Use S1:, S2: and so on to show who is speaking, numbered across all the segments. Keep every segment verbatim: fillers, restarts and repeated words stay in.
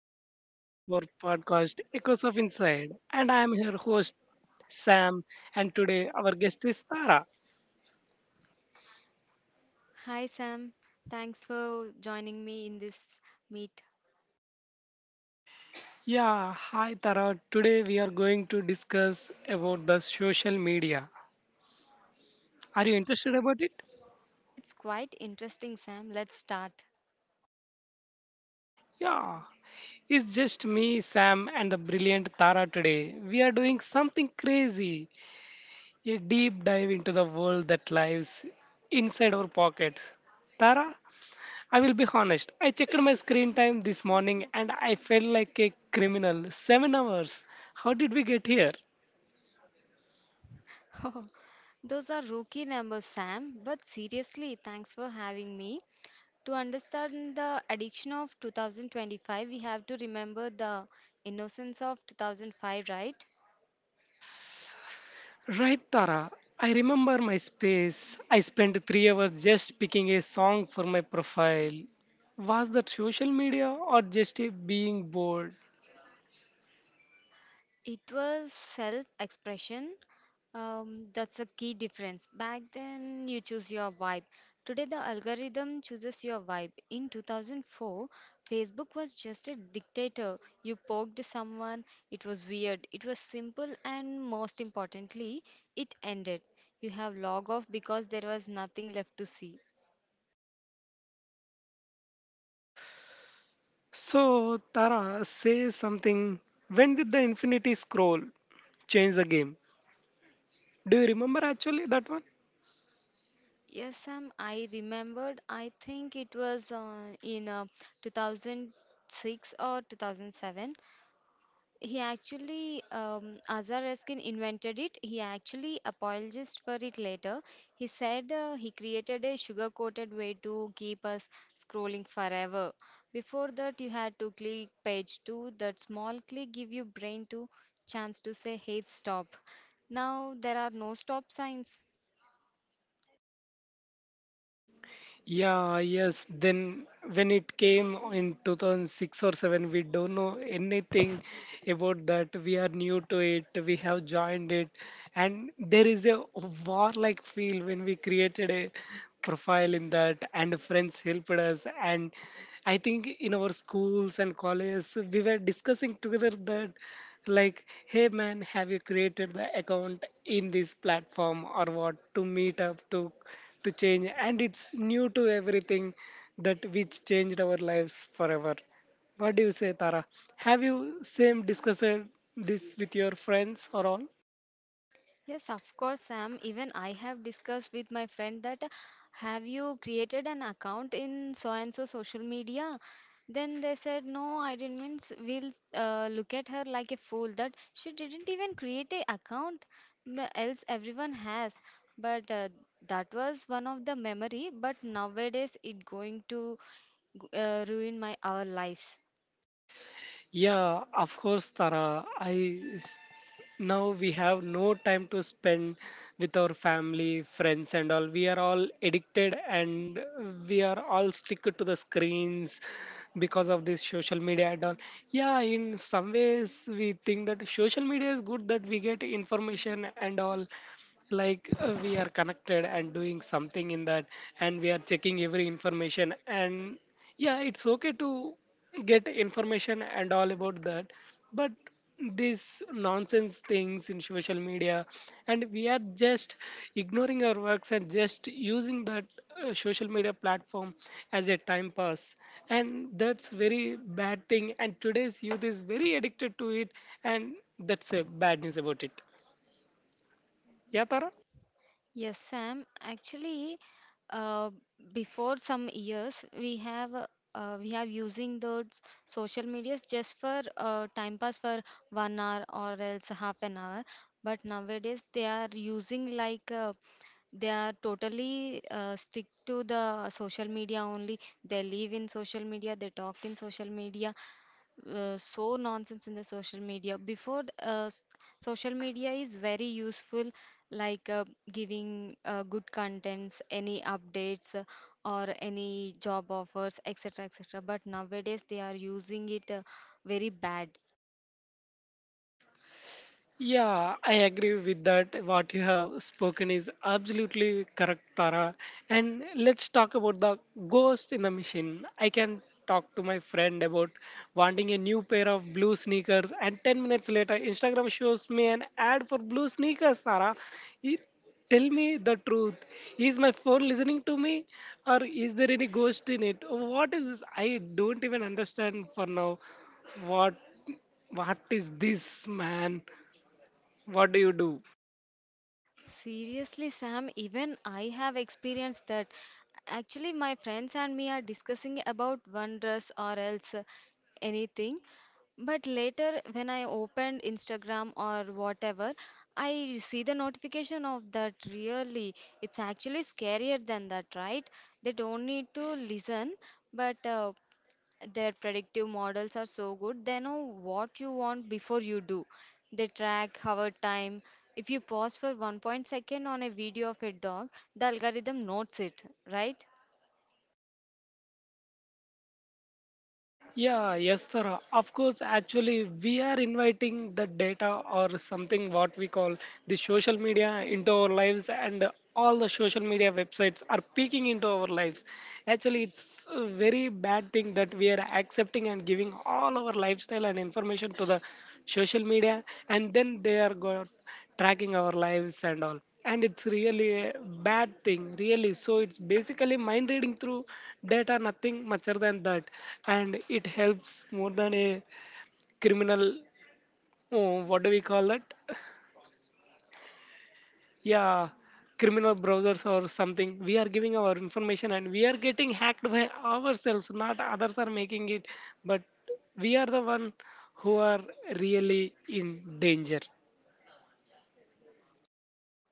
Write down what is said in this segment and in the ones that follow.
S1: today's episode of our podcast Echoes of Inside. And I am your host Sam, and today our guest is Tara.
S2: Hi Sam, thanks for joining me in this meet.
S1: Yeah, hi Tara. Today we are going to discuss about the social media. Are you interested about it?
S2: It's quite interesting, Sam. Let's start.
S1: Yeah. It's just me, Sam, and the brilliant Tara today. We are doing something crazy. A deep dive into the world that lives inside our pockets. Tara, I will be honest. I checked my screen time this morning and I felt like a criminal. Seven hours. How did we get here?
S2: Oh, Those are rookie numbers, Sam, but seriously, thanks for having me. To understand the addiction of two thousand twenty-five, we have to remember the innocence of two thousand five, right?
S1: Right, Tara. I remember my space. I spent three hours just picking a song for my profile. Was that social media or just a being bored?
S2: It was self expression. Um, that's a key difference. Back then, you choose your vibe. Today, the algorithm chooses your vibe. In two thousand four, Facebook was just a dictator. You poked someone, it was weird, it was simple, and most importantly, it ended. You have log off because there was nothing left to see.
S1: So, Tara, say something. When did the Infinity Scroll change the game? Do you remember actually that one?
S2: Yes, Sam, I remembered. I think it was uh, in uh, two thousand six or two thousand seven. He actually, um, Azar Erskine invented it. He actually apologized for it later. He said uh, he created a sugar coated way to keep us scrolling forever. Before that, you had to click page two. That small click give your brain to chance to say, hey, stop. Now there are no stop signs.
S1: Yeah, yes. Then when it came in two thousand six or seven, we don't know anything about that. We are new to it. We have joined it. And there is a warlike feel when we created a profile in that and friends helped us. And I think in our schools and colleges, we were discussing together that, like, hey man, have you created the account in this platform or what, to meet up to to change, and it's new to everything that which changed our lives forever. What do you say, Tara? Have you same discussed this with your friends or all?
S2: Yes, of course, Sam. Even I have discussed with my friend that uh, have you created an account in so and so social media? Then they said, no, I didn't mean s- we'll uh, look at her like a fool that she didn't even create a account. n- Else everyone has. But uh, that was one of the memory. But nowadays it going to g- uh, ruin my our lives.
S1: Yeah, of course, Tara. I now we have no time to spend with our family, friends, and all. We are all addicted and we are all stick to the screens because of this social media and all. Yeah, in some ways we think that social media is good, that we get information and all, like, uh, we are connected and doing something in that, and we are checking every information. And yeah, it's okay to get information and all about that, but these nonsense things in social media, and we are just ignoring our works and just using that uh, social media platform as a time pass. And that's very bad thing, and today's youth is very addicted to it, and that's a bad news about it. Yeah, Tara.
S2: Yes, Sam. Actually, uh, Before some years, we have uh, uh, we have using those social medias just for uh, time pass for one hour or else half an hour. But nowadays, they are using like uh, they are totally uh, stick to the social media only. They live in social media. They talk in social media, uh, so nonsense in the social media before th- uh, s- social media is very useful like uh, giving uh, good contents, any updates, uh, or any job offers, etc. etc. But nowadays they are using it uh, very bad.
S1: Yeah, I agree with that. What you have spoken is absolutely correct, Tara. And let's talk about the ghost in the machine. I can talk to my friend about wanting a new pair of blue sneakers, and ten minutes later, Instagram shows me an ad for blue sneakers, Tara. It, tell me the truth. Is my phone listening to me, or is there any ghost in it? What is this? I don't even understand for now what what is this man, what do you do?
S2: Seriously, Sam, even I have experienced that. Actually, my friends and me are discussing about one dress or else uh, anything. But later, when I opened Instagram or whatever, I see the notification of that. Really, it's actually scarier than that, right? They don't need to listen, but uh, their predictive models are so good. They know what you want before you do. They track our time. If you pause for one point second on a video of a dog, the algorithm notes it, right?
S1: Yeah, yes, sir. Of course, actually, we are inviting the data or something what we call the social media into our lives, and all the social media websites are peeking into our lives. Actually, it's a very bad thing that we are accepting and giving all our lifestyle and information to the social media, and then they are got tracking our lives and all. And it's really a bad thing, really. So it's basically mind reading through data, nothing much other than that. And it helps more than a criminal. Oh, what do we call that? Yeah, criminal browsers or something. We are giving our information and we are getting hacked by ourselves, not others are making it. But we are the one who are really in danger.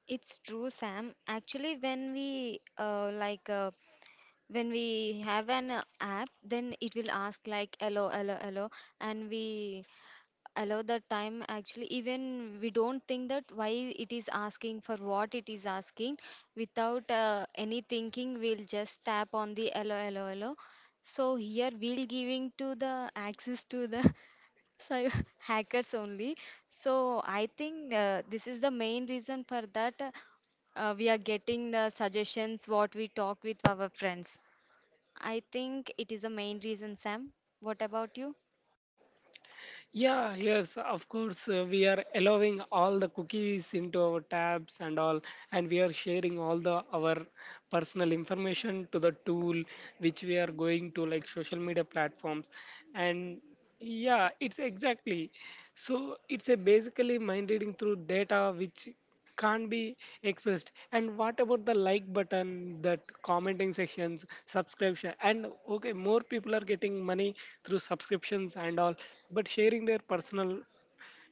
S2: It's true, Sam. Actually, when we uh, like uh, when we have an uh, app, then it will ask like hello, hello, hello, and we allow the time. Actually, even we don't think that why it is asking, for what it is asking, without uh, any thinking we'll just tap on the allow, allow, allow. So here we'll giving to the access to the cyber hackers only. So I think uh, this is the main reason for that, uh, uh, we are getting the suggestions what we talk with our friends. I think it is a main reason, Sam. What about you?
S1: Yeah, yes, of course. Uh, we are allowing all the cookies into our tabs and all, and we are sharing all the our personal information to the tool which we are going to, like social media platforms. And yeah, it's exactly. So it's a basically mind reading through data which can't be expressed. And what about the like button, that commenting sections, subscription? And okay, more people are getting money through subscriptions and all, but sharing their personal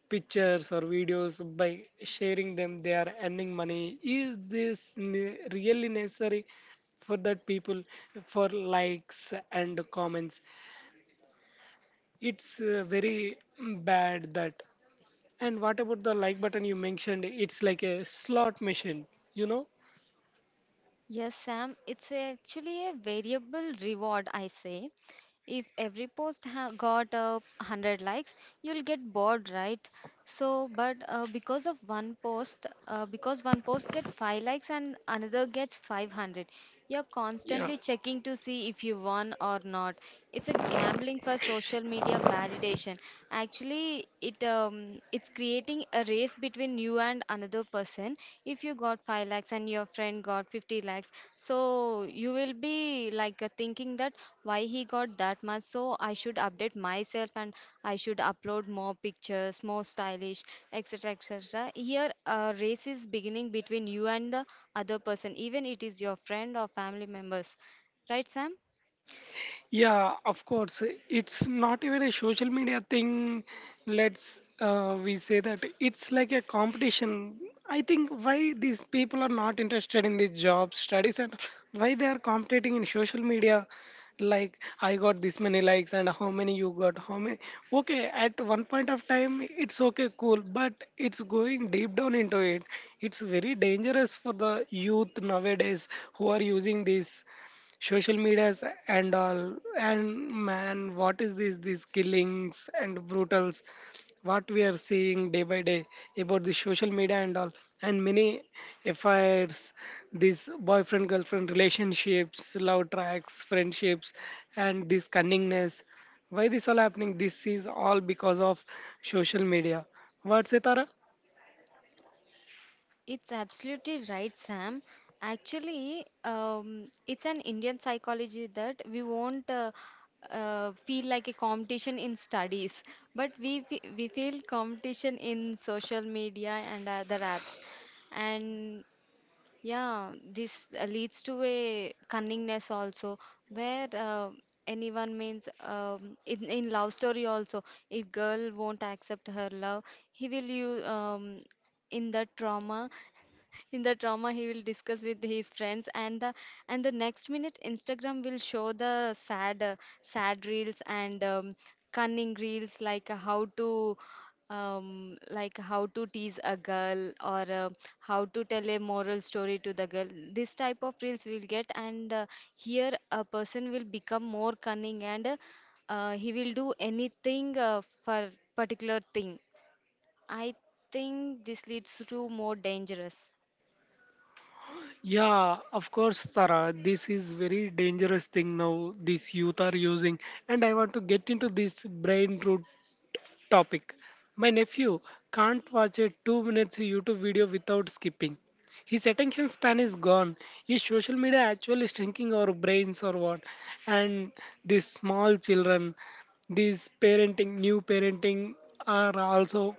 S1: pictures or videos, by sharing them they are earning money. Is this ne- really necessary for that people, for likes and comments? It's uh, very bad that. And what about the like button you mentioned? It's like a slot machine, you know.
S2: Yes, Sam, it's actually a variable reward, I say. If every post ha got a uh, hundred likes, you'll get bored, right? So, but uh, because of one post, uh, because one post get five likes and another gets five hundred, you're
S1: Yeah,
S2: constantly checking to see if you won or not. It's a gambling for social media validation. Actually, it um, it's creating a race between you and another person. If you got five lakhs and your friend got fifty lakhs, so you will be be like uh, thinking that why he got that much, so I should update myself and I should upload more pictures, more stylish, et cetera et cetera. Here, a race is beginning between you and the other person, even it is your friend or family members, right, Sam?
S1: yeah, of course. It's not even a social media thing. Let's uh, we say that it's like a competition. I think why these people are not interested in the jobs, studies, and why they are competing in social media. Like I got this many likes, and how many you got? How many? Okay, at one point of time, it's okay, cool, but it's going deep down into it. It's very dangerous for the youth nowadays who are using this social medias and all. And man, what is this, these killings and brutals what we are seeing day by day about the social media and all, and many affairs, these boyfriend girlfriend relationships, love tracks, friendships, and this cunningness? Why this all happening? This is all because of social media. What's it, Tara?
S2: It's absolutely right, Sam. Actually, um, it's an Indian psychology that we won't uh, uh, feel like a competition in studies, but we fe- we feel competition in social media and other apps, and yeah, this uh, leads to a cunningness also, where uh, anyone means um, in in love story also, if girl won't accept her love, he will you um, in the trauma, in the drama he will discuss with his friends, and the and the next minute Instagram will show the sad uh, sad reels and um, cunning reels like uh, how to um, like how to tease a girl, or uh, how to tell a moral story to the girl. This type of reels we'll get and uh, here a person will become more cunning and uh, uh, he will do anything uh, for particular thing. I think this leads to more dangerous.
S1: Yeah, of course, Tara. This is very dangerous thing now. These youth are using, and I want to get into this brain root topic. My nephew can't watch a two minutes YouTube video without skipping. His attention span is gone. Is social media actually shrinking our brains or what? And these small children, these parenting, new parenting, are also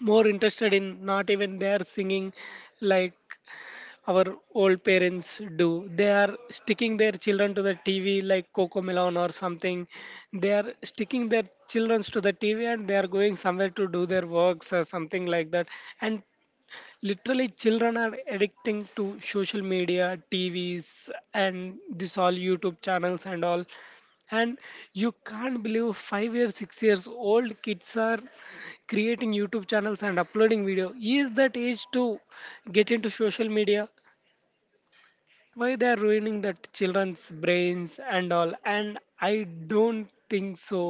S1: more interested in not even their singing, like our old parents do. They are sticking their children to the T V like Coco Melon or something. They are sticking their children to the T V and they are going somewhere to do their works or something like that. And literally, children are addicting to social media, T Vs, and this all YouTube channels and all. And you can't believe five years, six years old kids are creating YouTube channels and uploading video. Is that age to get into social media? Why they are ruining that children's brains and all? And I don't think so.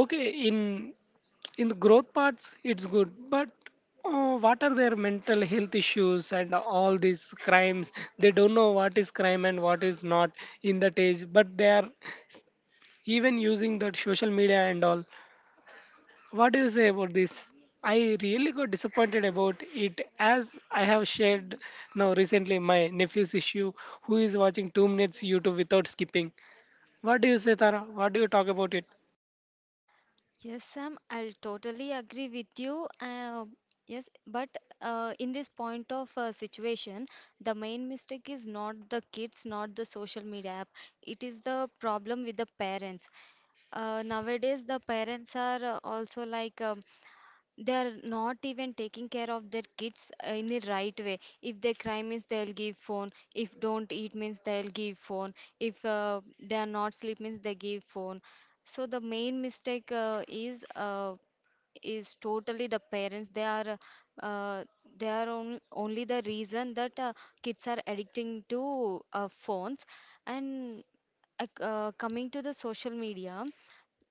S1: Okay, in in the growth parts it's good, but uh what are their mental health issues and all these crimes? They don't know what is crime and what is not in that age, but they are even using that social media and all. What do you say about this? I really got disappointed about it, as I have shared now recently my nephew's issue who is watching two minutes YouTube without skipping. What do you say, Tara? What do you talk about it?
S2: Yes, Sam, I'll totally agree with you. Uh, yes, but uh, in this point of uh, situation, the main mistake is not the kids, not the social media app. It is the problem with the parents. Uh, nowadays, the parents are uh, also like uh, they are not even taking care of their kids uh, in the right way. If they cry means they'll give phone, if don't eat means they'll give phone, if uh, they are not sleep means they give phone. So the main mistake uh, is uh, is totally the parents. They are, uh, they are on, only the reason that uh, kids are addicting to uh, phones. And uh, coming to the social media,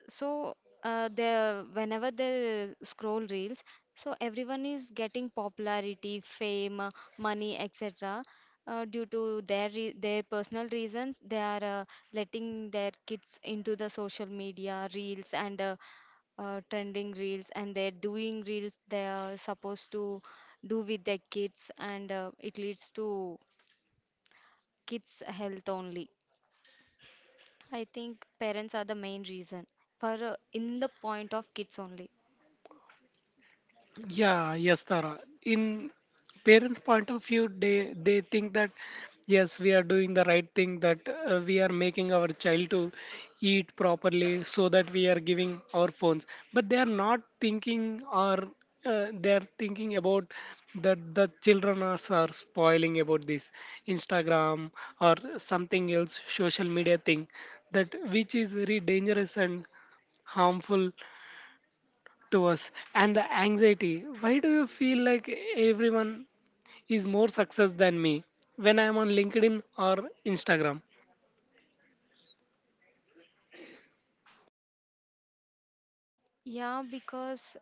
S2: so uh, the whenever they scroll reels, so everyone is getting popularity, fame, uh, money, etc. Uh, due to their re- their personal reasons they are uh, letting their kids into the social media reels and uh, uh, trending reels, and they're doing reels they are supposed to do with their kids, and uh, it leads to kids health only. I think parents are the main reason for uh, in the point of kids only.
S1: Yeah, yes, Tara. In parents' point of view, they they think that yes, we are doing the right thing, that uh, we are making our child to eat properly, so that we are giving our phones. But they are not thinking, or uh, they are thinking about that the children are, are spoiling about this Instagram or something else social media thing that which is very dangerous and harmful to us. And the anxiety, why do you feel like everyone is more success than me when I am on LinkedIn or Instagram?
S2: Yeah, because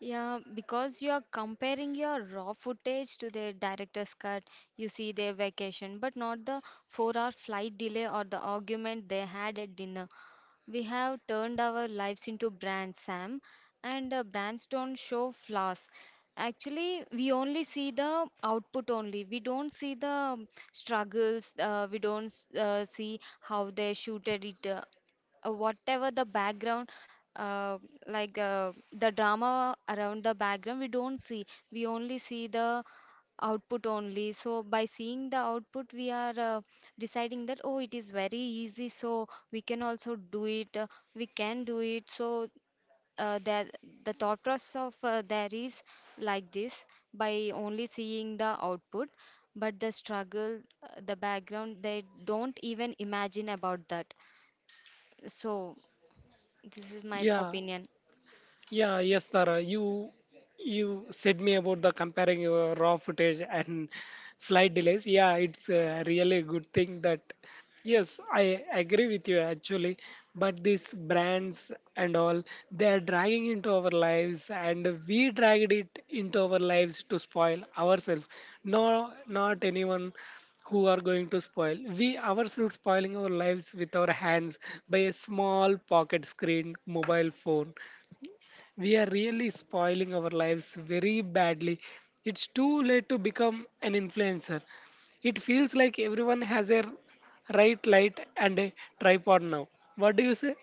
S2: yeah, because you are comparing your raw footage to the director's cut. You see their vacation, but not the four-hour flight delay or the argument they had at dinner. We have turned our lives into brands, Sam, and uh, brands don't show flaws. Actually, we only see the output only. We don't see the struggles. Uh, we don't uh, see how they shooted it. Uh, uh, whatever the background, uh, like uh, the drama around the background we don't see. We only see the output only. So by seeing the output we are uh, deciding that oh it is very easy, so we can also do it. Uh, we can do it. So uh, that the thought process of uh, there is like this, by only seeing the output, but the struggle, uh, the background they don't even imagine about that. So this is my
S1: Yeah.
S2: opinion.
S1: Yeah, yes, Tara. You you said me about the comparing your raw footage and flight delays. Yeah, it's a really good thing that yes, I agree with you, actually. But these brands and all, they are dragging into our lives, and we dragged it into our lives to spoil ourselves. No, not anyone who are going to spoil. We ourselves spoiling our lives with our hands by a small pocket screen mobile phone. We are really spoiling our lives very badly. It's too late to become an influencer. It feels like everyone has a right light and a tripod now. What do you say?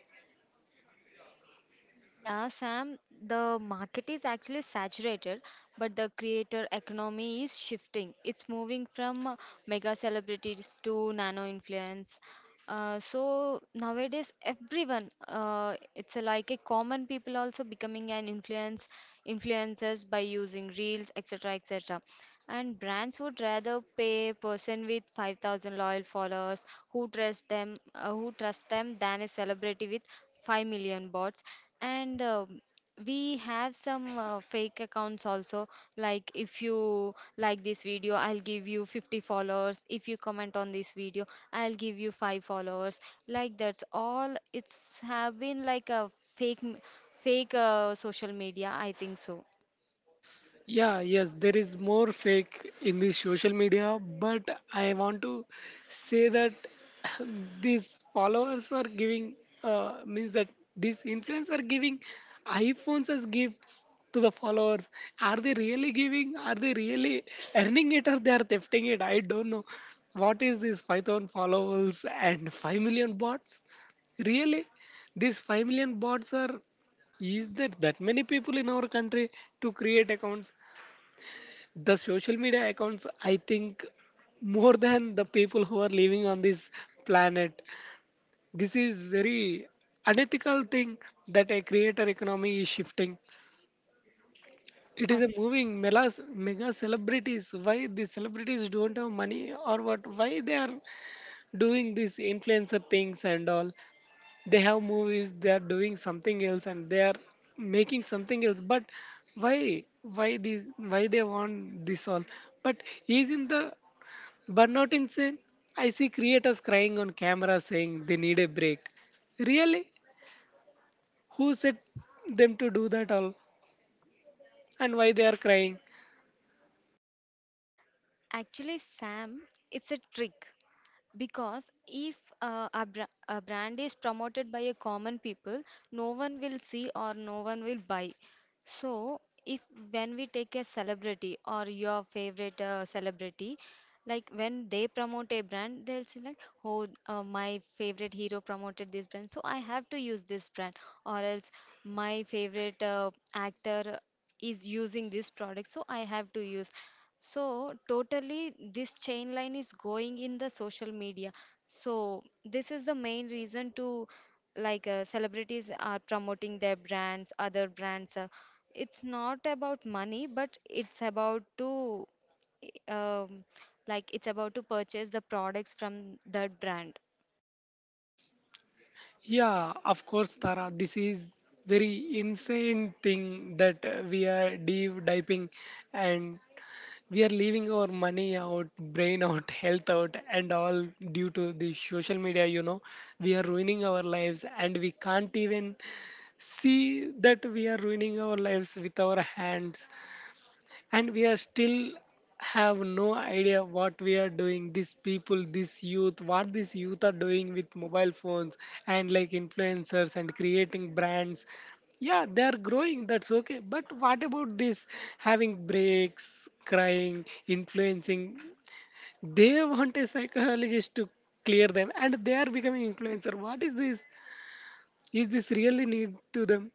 S2: Yeah, Sam, the market is actually saturated, but the creator economy is shifting. It's moving from uh, mega celebrities to nano influence. Uh, so nowadays, everyone, uh, it's a, like a common people also becoming an influence influencers by using reels, et cetera, et cetera. And brands would rather pay a person with five thousand loyal followers who trust them, uh, who trust them, than a celebrity with five million bots. And um we have some uh, fake accounts also. Like if you like this video, I'll give you fifty followers. If you comment on this video, I'll give you five followers. Like that's all. It's have been like a fake, m- fake uh, social media, I think so.
S1: Yeah, yes, there is more fake in the social media, but I want to say that these followers are giving, uh, means that these influencers are giving iPhones as gifts to the followers. Are they really giving? Are they really earning it, or they are thefting it? I don't know. What is this five thousand followers and five million bots? Really? These five million bots are, is there that many people in our country to create accounts, the social media accounts? I think more than the people who are living on this planet. This is very unethical thing, that a creator economy is shifting. It
S2: Uh,
S1: is a moving melas, mega celebrities. Why these celebrities don't have money or what? Why they are doing these influencer things and all? They have movies, they are doing something else and they are making something else. But why why these why they want this all? But isn't the burnout insane? I see creators crying on camera saying they need a break. Really? Who said them to do that all? And why they are crying?
S2: Actually, Sam, it's a trick, because if uh, a, bra- a brand is promoted by a common people, no one will see or no one will buy. So, if when we take a celebrity or your favorite uh, celebrity, like when they promote a brand, they'll say like, "Oh, uh, my favorite hero promoted this brand, so I have to use this brand," or else my favorite uh, actor is using this product, so I have to use. So totally this chain line is going in the social media. So this is the main reason to, like uh, celebrities are promoting their brands, other brands. Uh, it's not about money, but it's about to um, like it's about to purchase the products from that brand.
S1: Yeah, of course, Tara. This is very insane thing that uh, we are deep diving, and we are leaving our money out, brain out, health out, and all due to the social media. You know, we are ruining our lives, and we can't even see that we are ruining our lives with our hands, and we are still have no idea what we are doing. These people, this youth, what these youth are doing with mobile phones and like influencers and creating brands, yeah they are growing, that's okay, but what about this having breaks, crying, influencing? They want a psychologist to clear them and they are becoming influencer. What is this? Is this really need to them?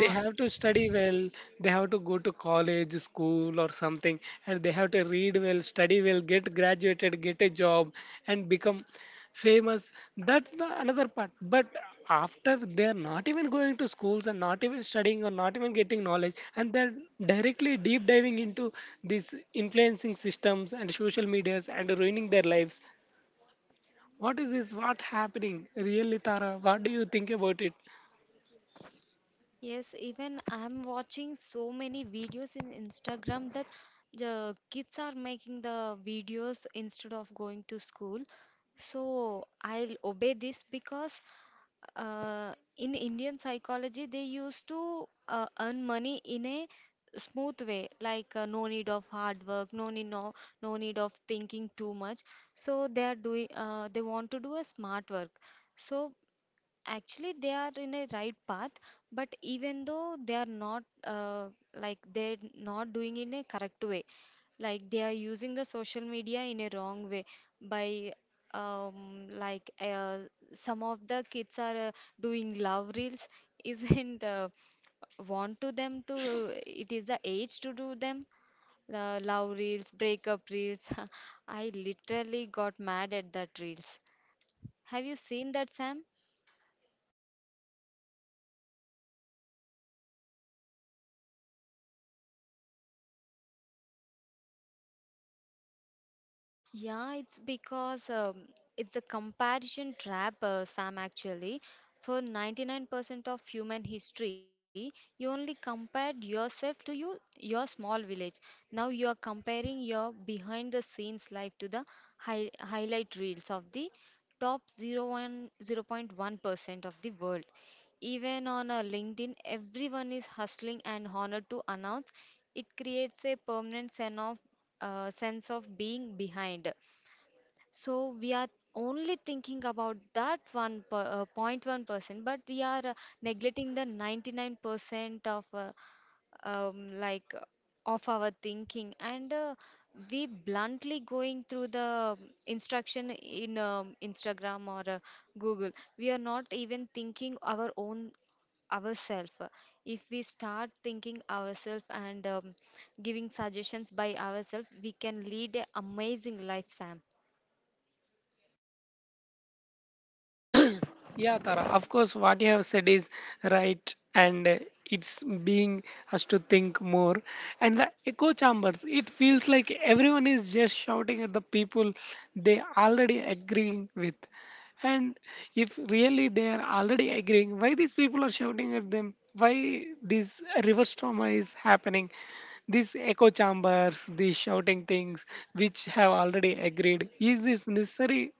S1: They have to study well, they have to go to college, school or something, and they have to read well, study well, get graduated, get a job and become famous. That's the another part. But after, they are not even going to schools and not even studying or not even getting knowledge, and they're directly deep diving into these influencing systems and social medias and ruining their lives. What is this? What happening really, Tara? What do you think about it?
S2: Yes, even I'm watching so many videos in Instagram that the kids are making the videos instead of going to school. So I'll obey this because uh, in Indian psychology, they used to uh, earn money in a smooth way, like uh, no need of hard work, no need no, no need of thinking too much. So they are doing uh, they want to do a smart work. So Actually, they are in a right path, but even though they are not uh, like they're not doing in a correct way, like they are using the social media in a wrong way by um, like uh, some of the kids are uh, doing love reels isn't uh, want to them to it is the age to do them uh, love reels, breakup reels. I literally got mad at that reels. Have you seen that, Sam? Yeah, it's because um, it's the comparison trap, uh, Sam, actually. For ninety-nine percent of human history, you only compared yourself to you, your small village. Now you are comparing your behind the scenes life to the hi highlight reels of the top zero zero point one, zero point one percent of the world. Even on a LinkedIn, everyone is hustling and honored to announce. It creates a permanent sense of uh, sense of being behind. So we are only thinking about that one per, uh, point one percent, but we are uh, neglecting the ninety-nine percent of uh, um, like uh, of our thinking, and uh, we bluntly going through the instruction in um, Instagram or uh, Google. We are not even thinking our own ourself. If we start thinking ourselves and um, giving suggestions by ourselves, we can lead an amazing life, Sam.
S1: Yeah, Tara, of course, what you have said is right, and uh, it's being us to think more. And the echo chambers, it feels like everyone is just shouting at the people they already agreeing with. And if really they are already agreeing, why these people are shouting at them? Why this reverse trauma is happening? These echo chambers, these shouting things which have already agreed. Is this necessary,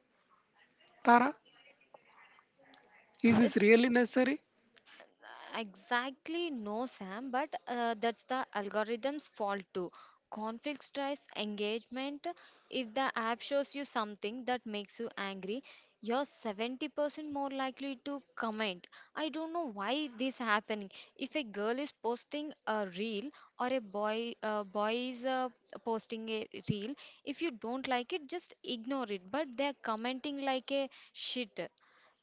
S1: Tara? Is this
S2: It's
S1: really necessary?
S2: Exactly, no, Sam, but uh, that's the algorithm's fault too. Conflicts drives engagement. If the app shows you something that makes you angry, you're seventy percent more likely to comment. I don't know why this happening. If a girl is posting a reel or a boy uh, boy is uh, posting a reel, if you don't like it, just ignore it. But they're commenting like a shit.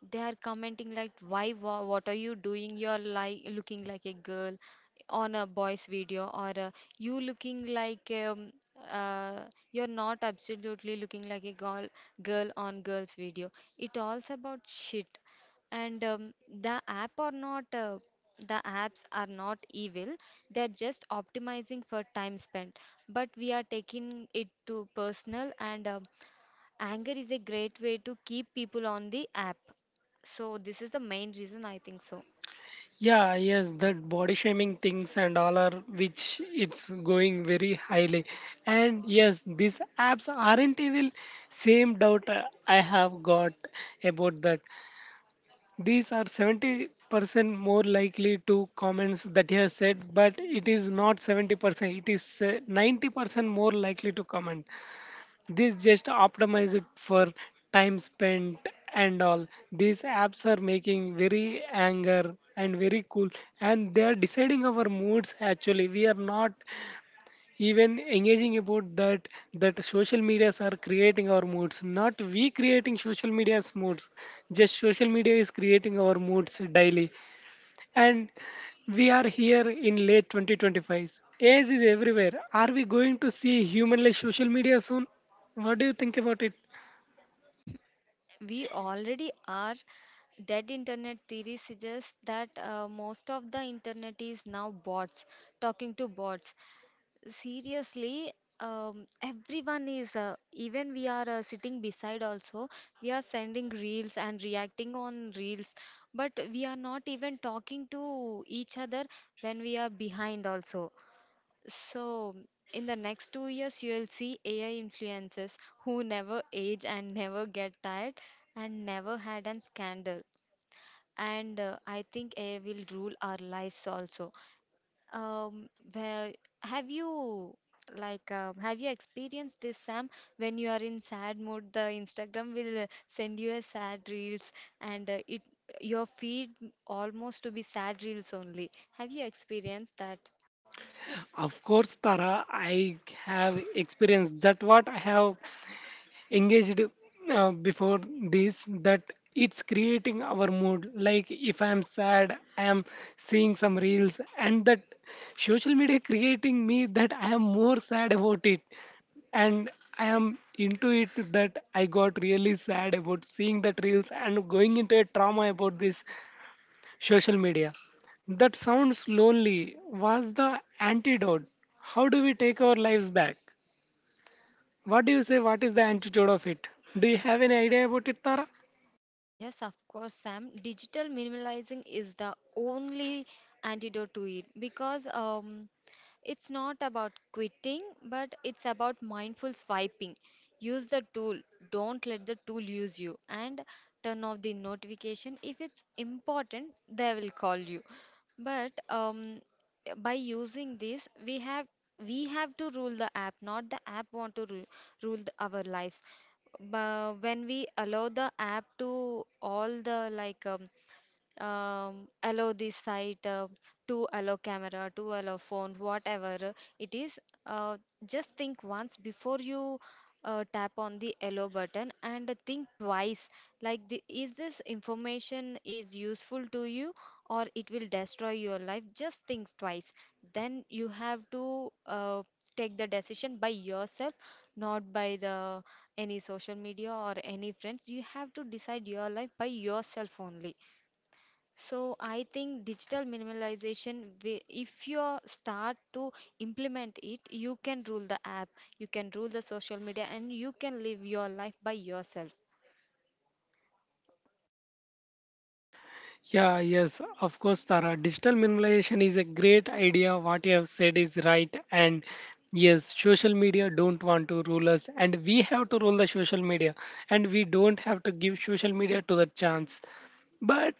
S2: They are commenting like, "Why? wha- What are you doing? You're like looking like a girl on a boy's video, or uh, you looking like um, uh, you're not absolutely looking like a girl girl on girl's video." It all's about shit. And um, the app are not uh, the apps are not evil. They're just optimizing for time spent. But we are taking it to personal and. Um Anger is a great way to keep people on the app. So this is the main reason I think so.
S1: Yeah, yes, that body shaming things and all are which it's going very highly. And yes, these apps aren't evil. Same doubt uh, I have got about that. These are seventy percent more likely to comments that you have said, but it is not seventy percent, it is uh, ninety percent more likely to comment. This just optimize it for time spent and all. These apps are making very anger and very cool, and they are deciding our moods. Actually, we are not even engaging about that. That social medias are creating our moods, not we creating social media's moods. Just social media is creating our moods daily, and we are here in late twenty twenty-five. A I is everywhere. Are we going to see humanless social media soon? What do you think about it?
S2: We already are. Dead internet theory suggests that uh, most of the internet is now bots talking to bots. Seriously, um, everyone is uh, even we are uh, sitting beside also we are sending reels and reacting on reels, but we are not even talking to each other when we are behind also. So, in the next two years, you'll see A I influencers who never age and never get tired and never had a scandal. And uh, I think A I will rule our lives also. Um, where have you like uh, have you experienced this, Sam? When you are in sad mood, the Instagram will uh, send you a sad reels, and uh, it your feed almost to be sad reels only. Have you experienced that?
S1: Of course, Tara, I have experienced that. What I have engaged uh, before this, that it's creating our mood. Like if I am sad, I am seeing some reels, and that social media creating me that I am more sad about it. And I am into it, that I got really sad about seeing that reels and going into a trauma about this social media. That sounds lonely. Was the antidote? How do we take our lives back? What do you say? What is the antidote of it? Do you have any idea about it, Tara?
S2: Yes, of course, Sam. Digital minimalizing is the only antidote to it because um, it's not about quitting, but it's about mindful swiping. Use the tool, don't let the tool use you, and turn off the notification. If it's important, they will call you. But um, by using this, we have we have to rule the app, not the app want to ru- rule the, our lives. But when we allow the app to all the like um, um, allow this site uh, to allow camera to allow phone whatever it is, uh, just think once before you uh, tap on the allow button and think twice like the, is this information is useful to you or it will destroy your life, just think twice. Then you have to uh, take the decision by yourself, not by the any social media or any friends. You have to decide your life by yourself only. So I think digital minimalization, wi- if you start to implement it, you can rule the app, you can rule the social media, and you can live your life by yourself.
S1: Yeah, yes, of course, Tara. Digital minimalization is a great idea. What you have said is right. And yes, social media don't want to rule us, and we have to rule the social media, and we don't have to give social media to the chance. But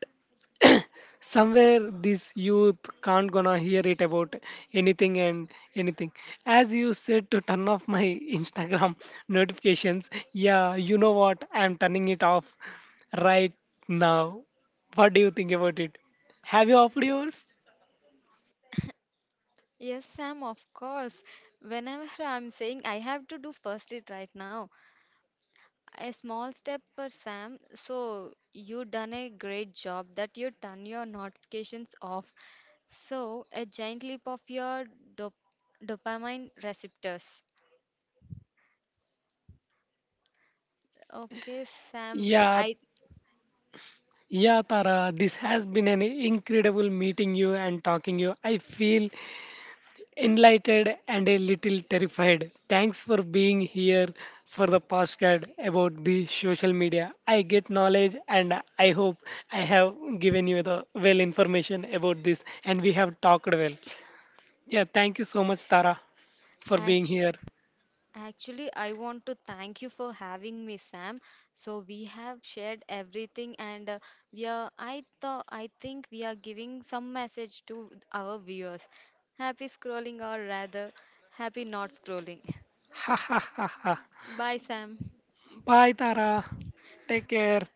S1: somewhere this youth can't gonna hear it about anything and anything. As you said, to turn off my Instagram notifications, yeah, you know what, I'm turning it off right now. What do you think about it? Have you offered yours?
S2: Yes, Sam, of course. Whenever I'm saying I have to do first it right now, a small step for Sam. So you done a great job that you turn your notifications off. So a giant leap of your dop- dopamine receptors. Okay, Sam,
S1: Yeah,
S2: I.
S1: yeah, Tara, this has been an incredible meeting you and talking you. I feel enlightened and a little terrified. Thanks for being here for the postcard about the social media. I get knowledge, and I hope I have given you the well information about this, and we have talked well. Yeah, thank you so much, Tara, for being
S2: Act-
S1: here.
S2: Actually, I want to thank you for having me, Sam. So we have shared everything, and uh, we are. I thought I think we are giving some message to our viewers. Happy scrolling, or rather, happy not scrolling.
S1: Ha ha ha ha.
S2: Bye, Sam.
S1: Bye, Tara. Take care.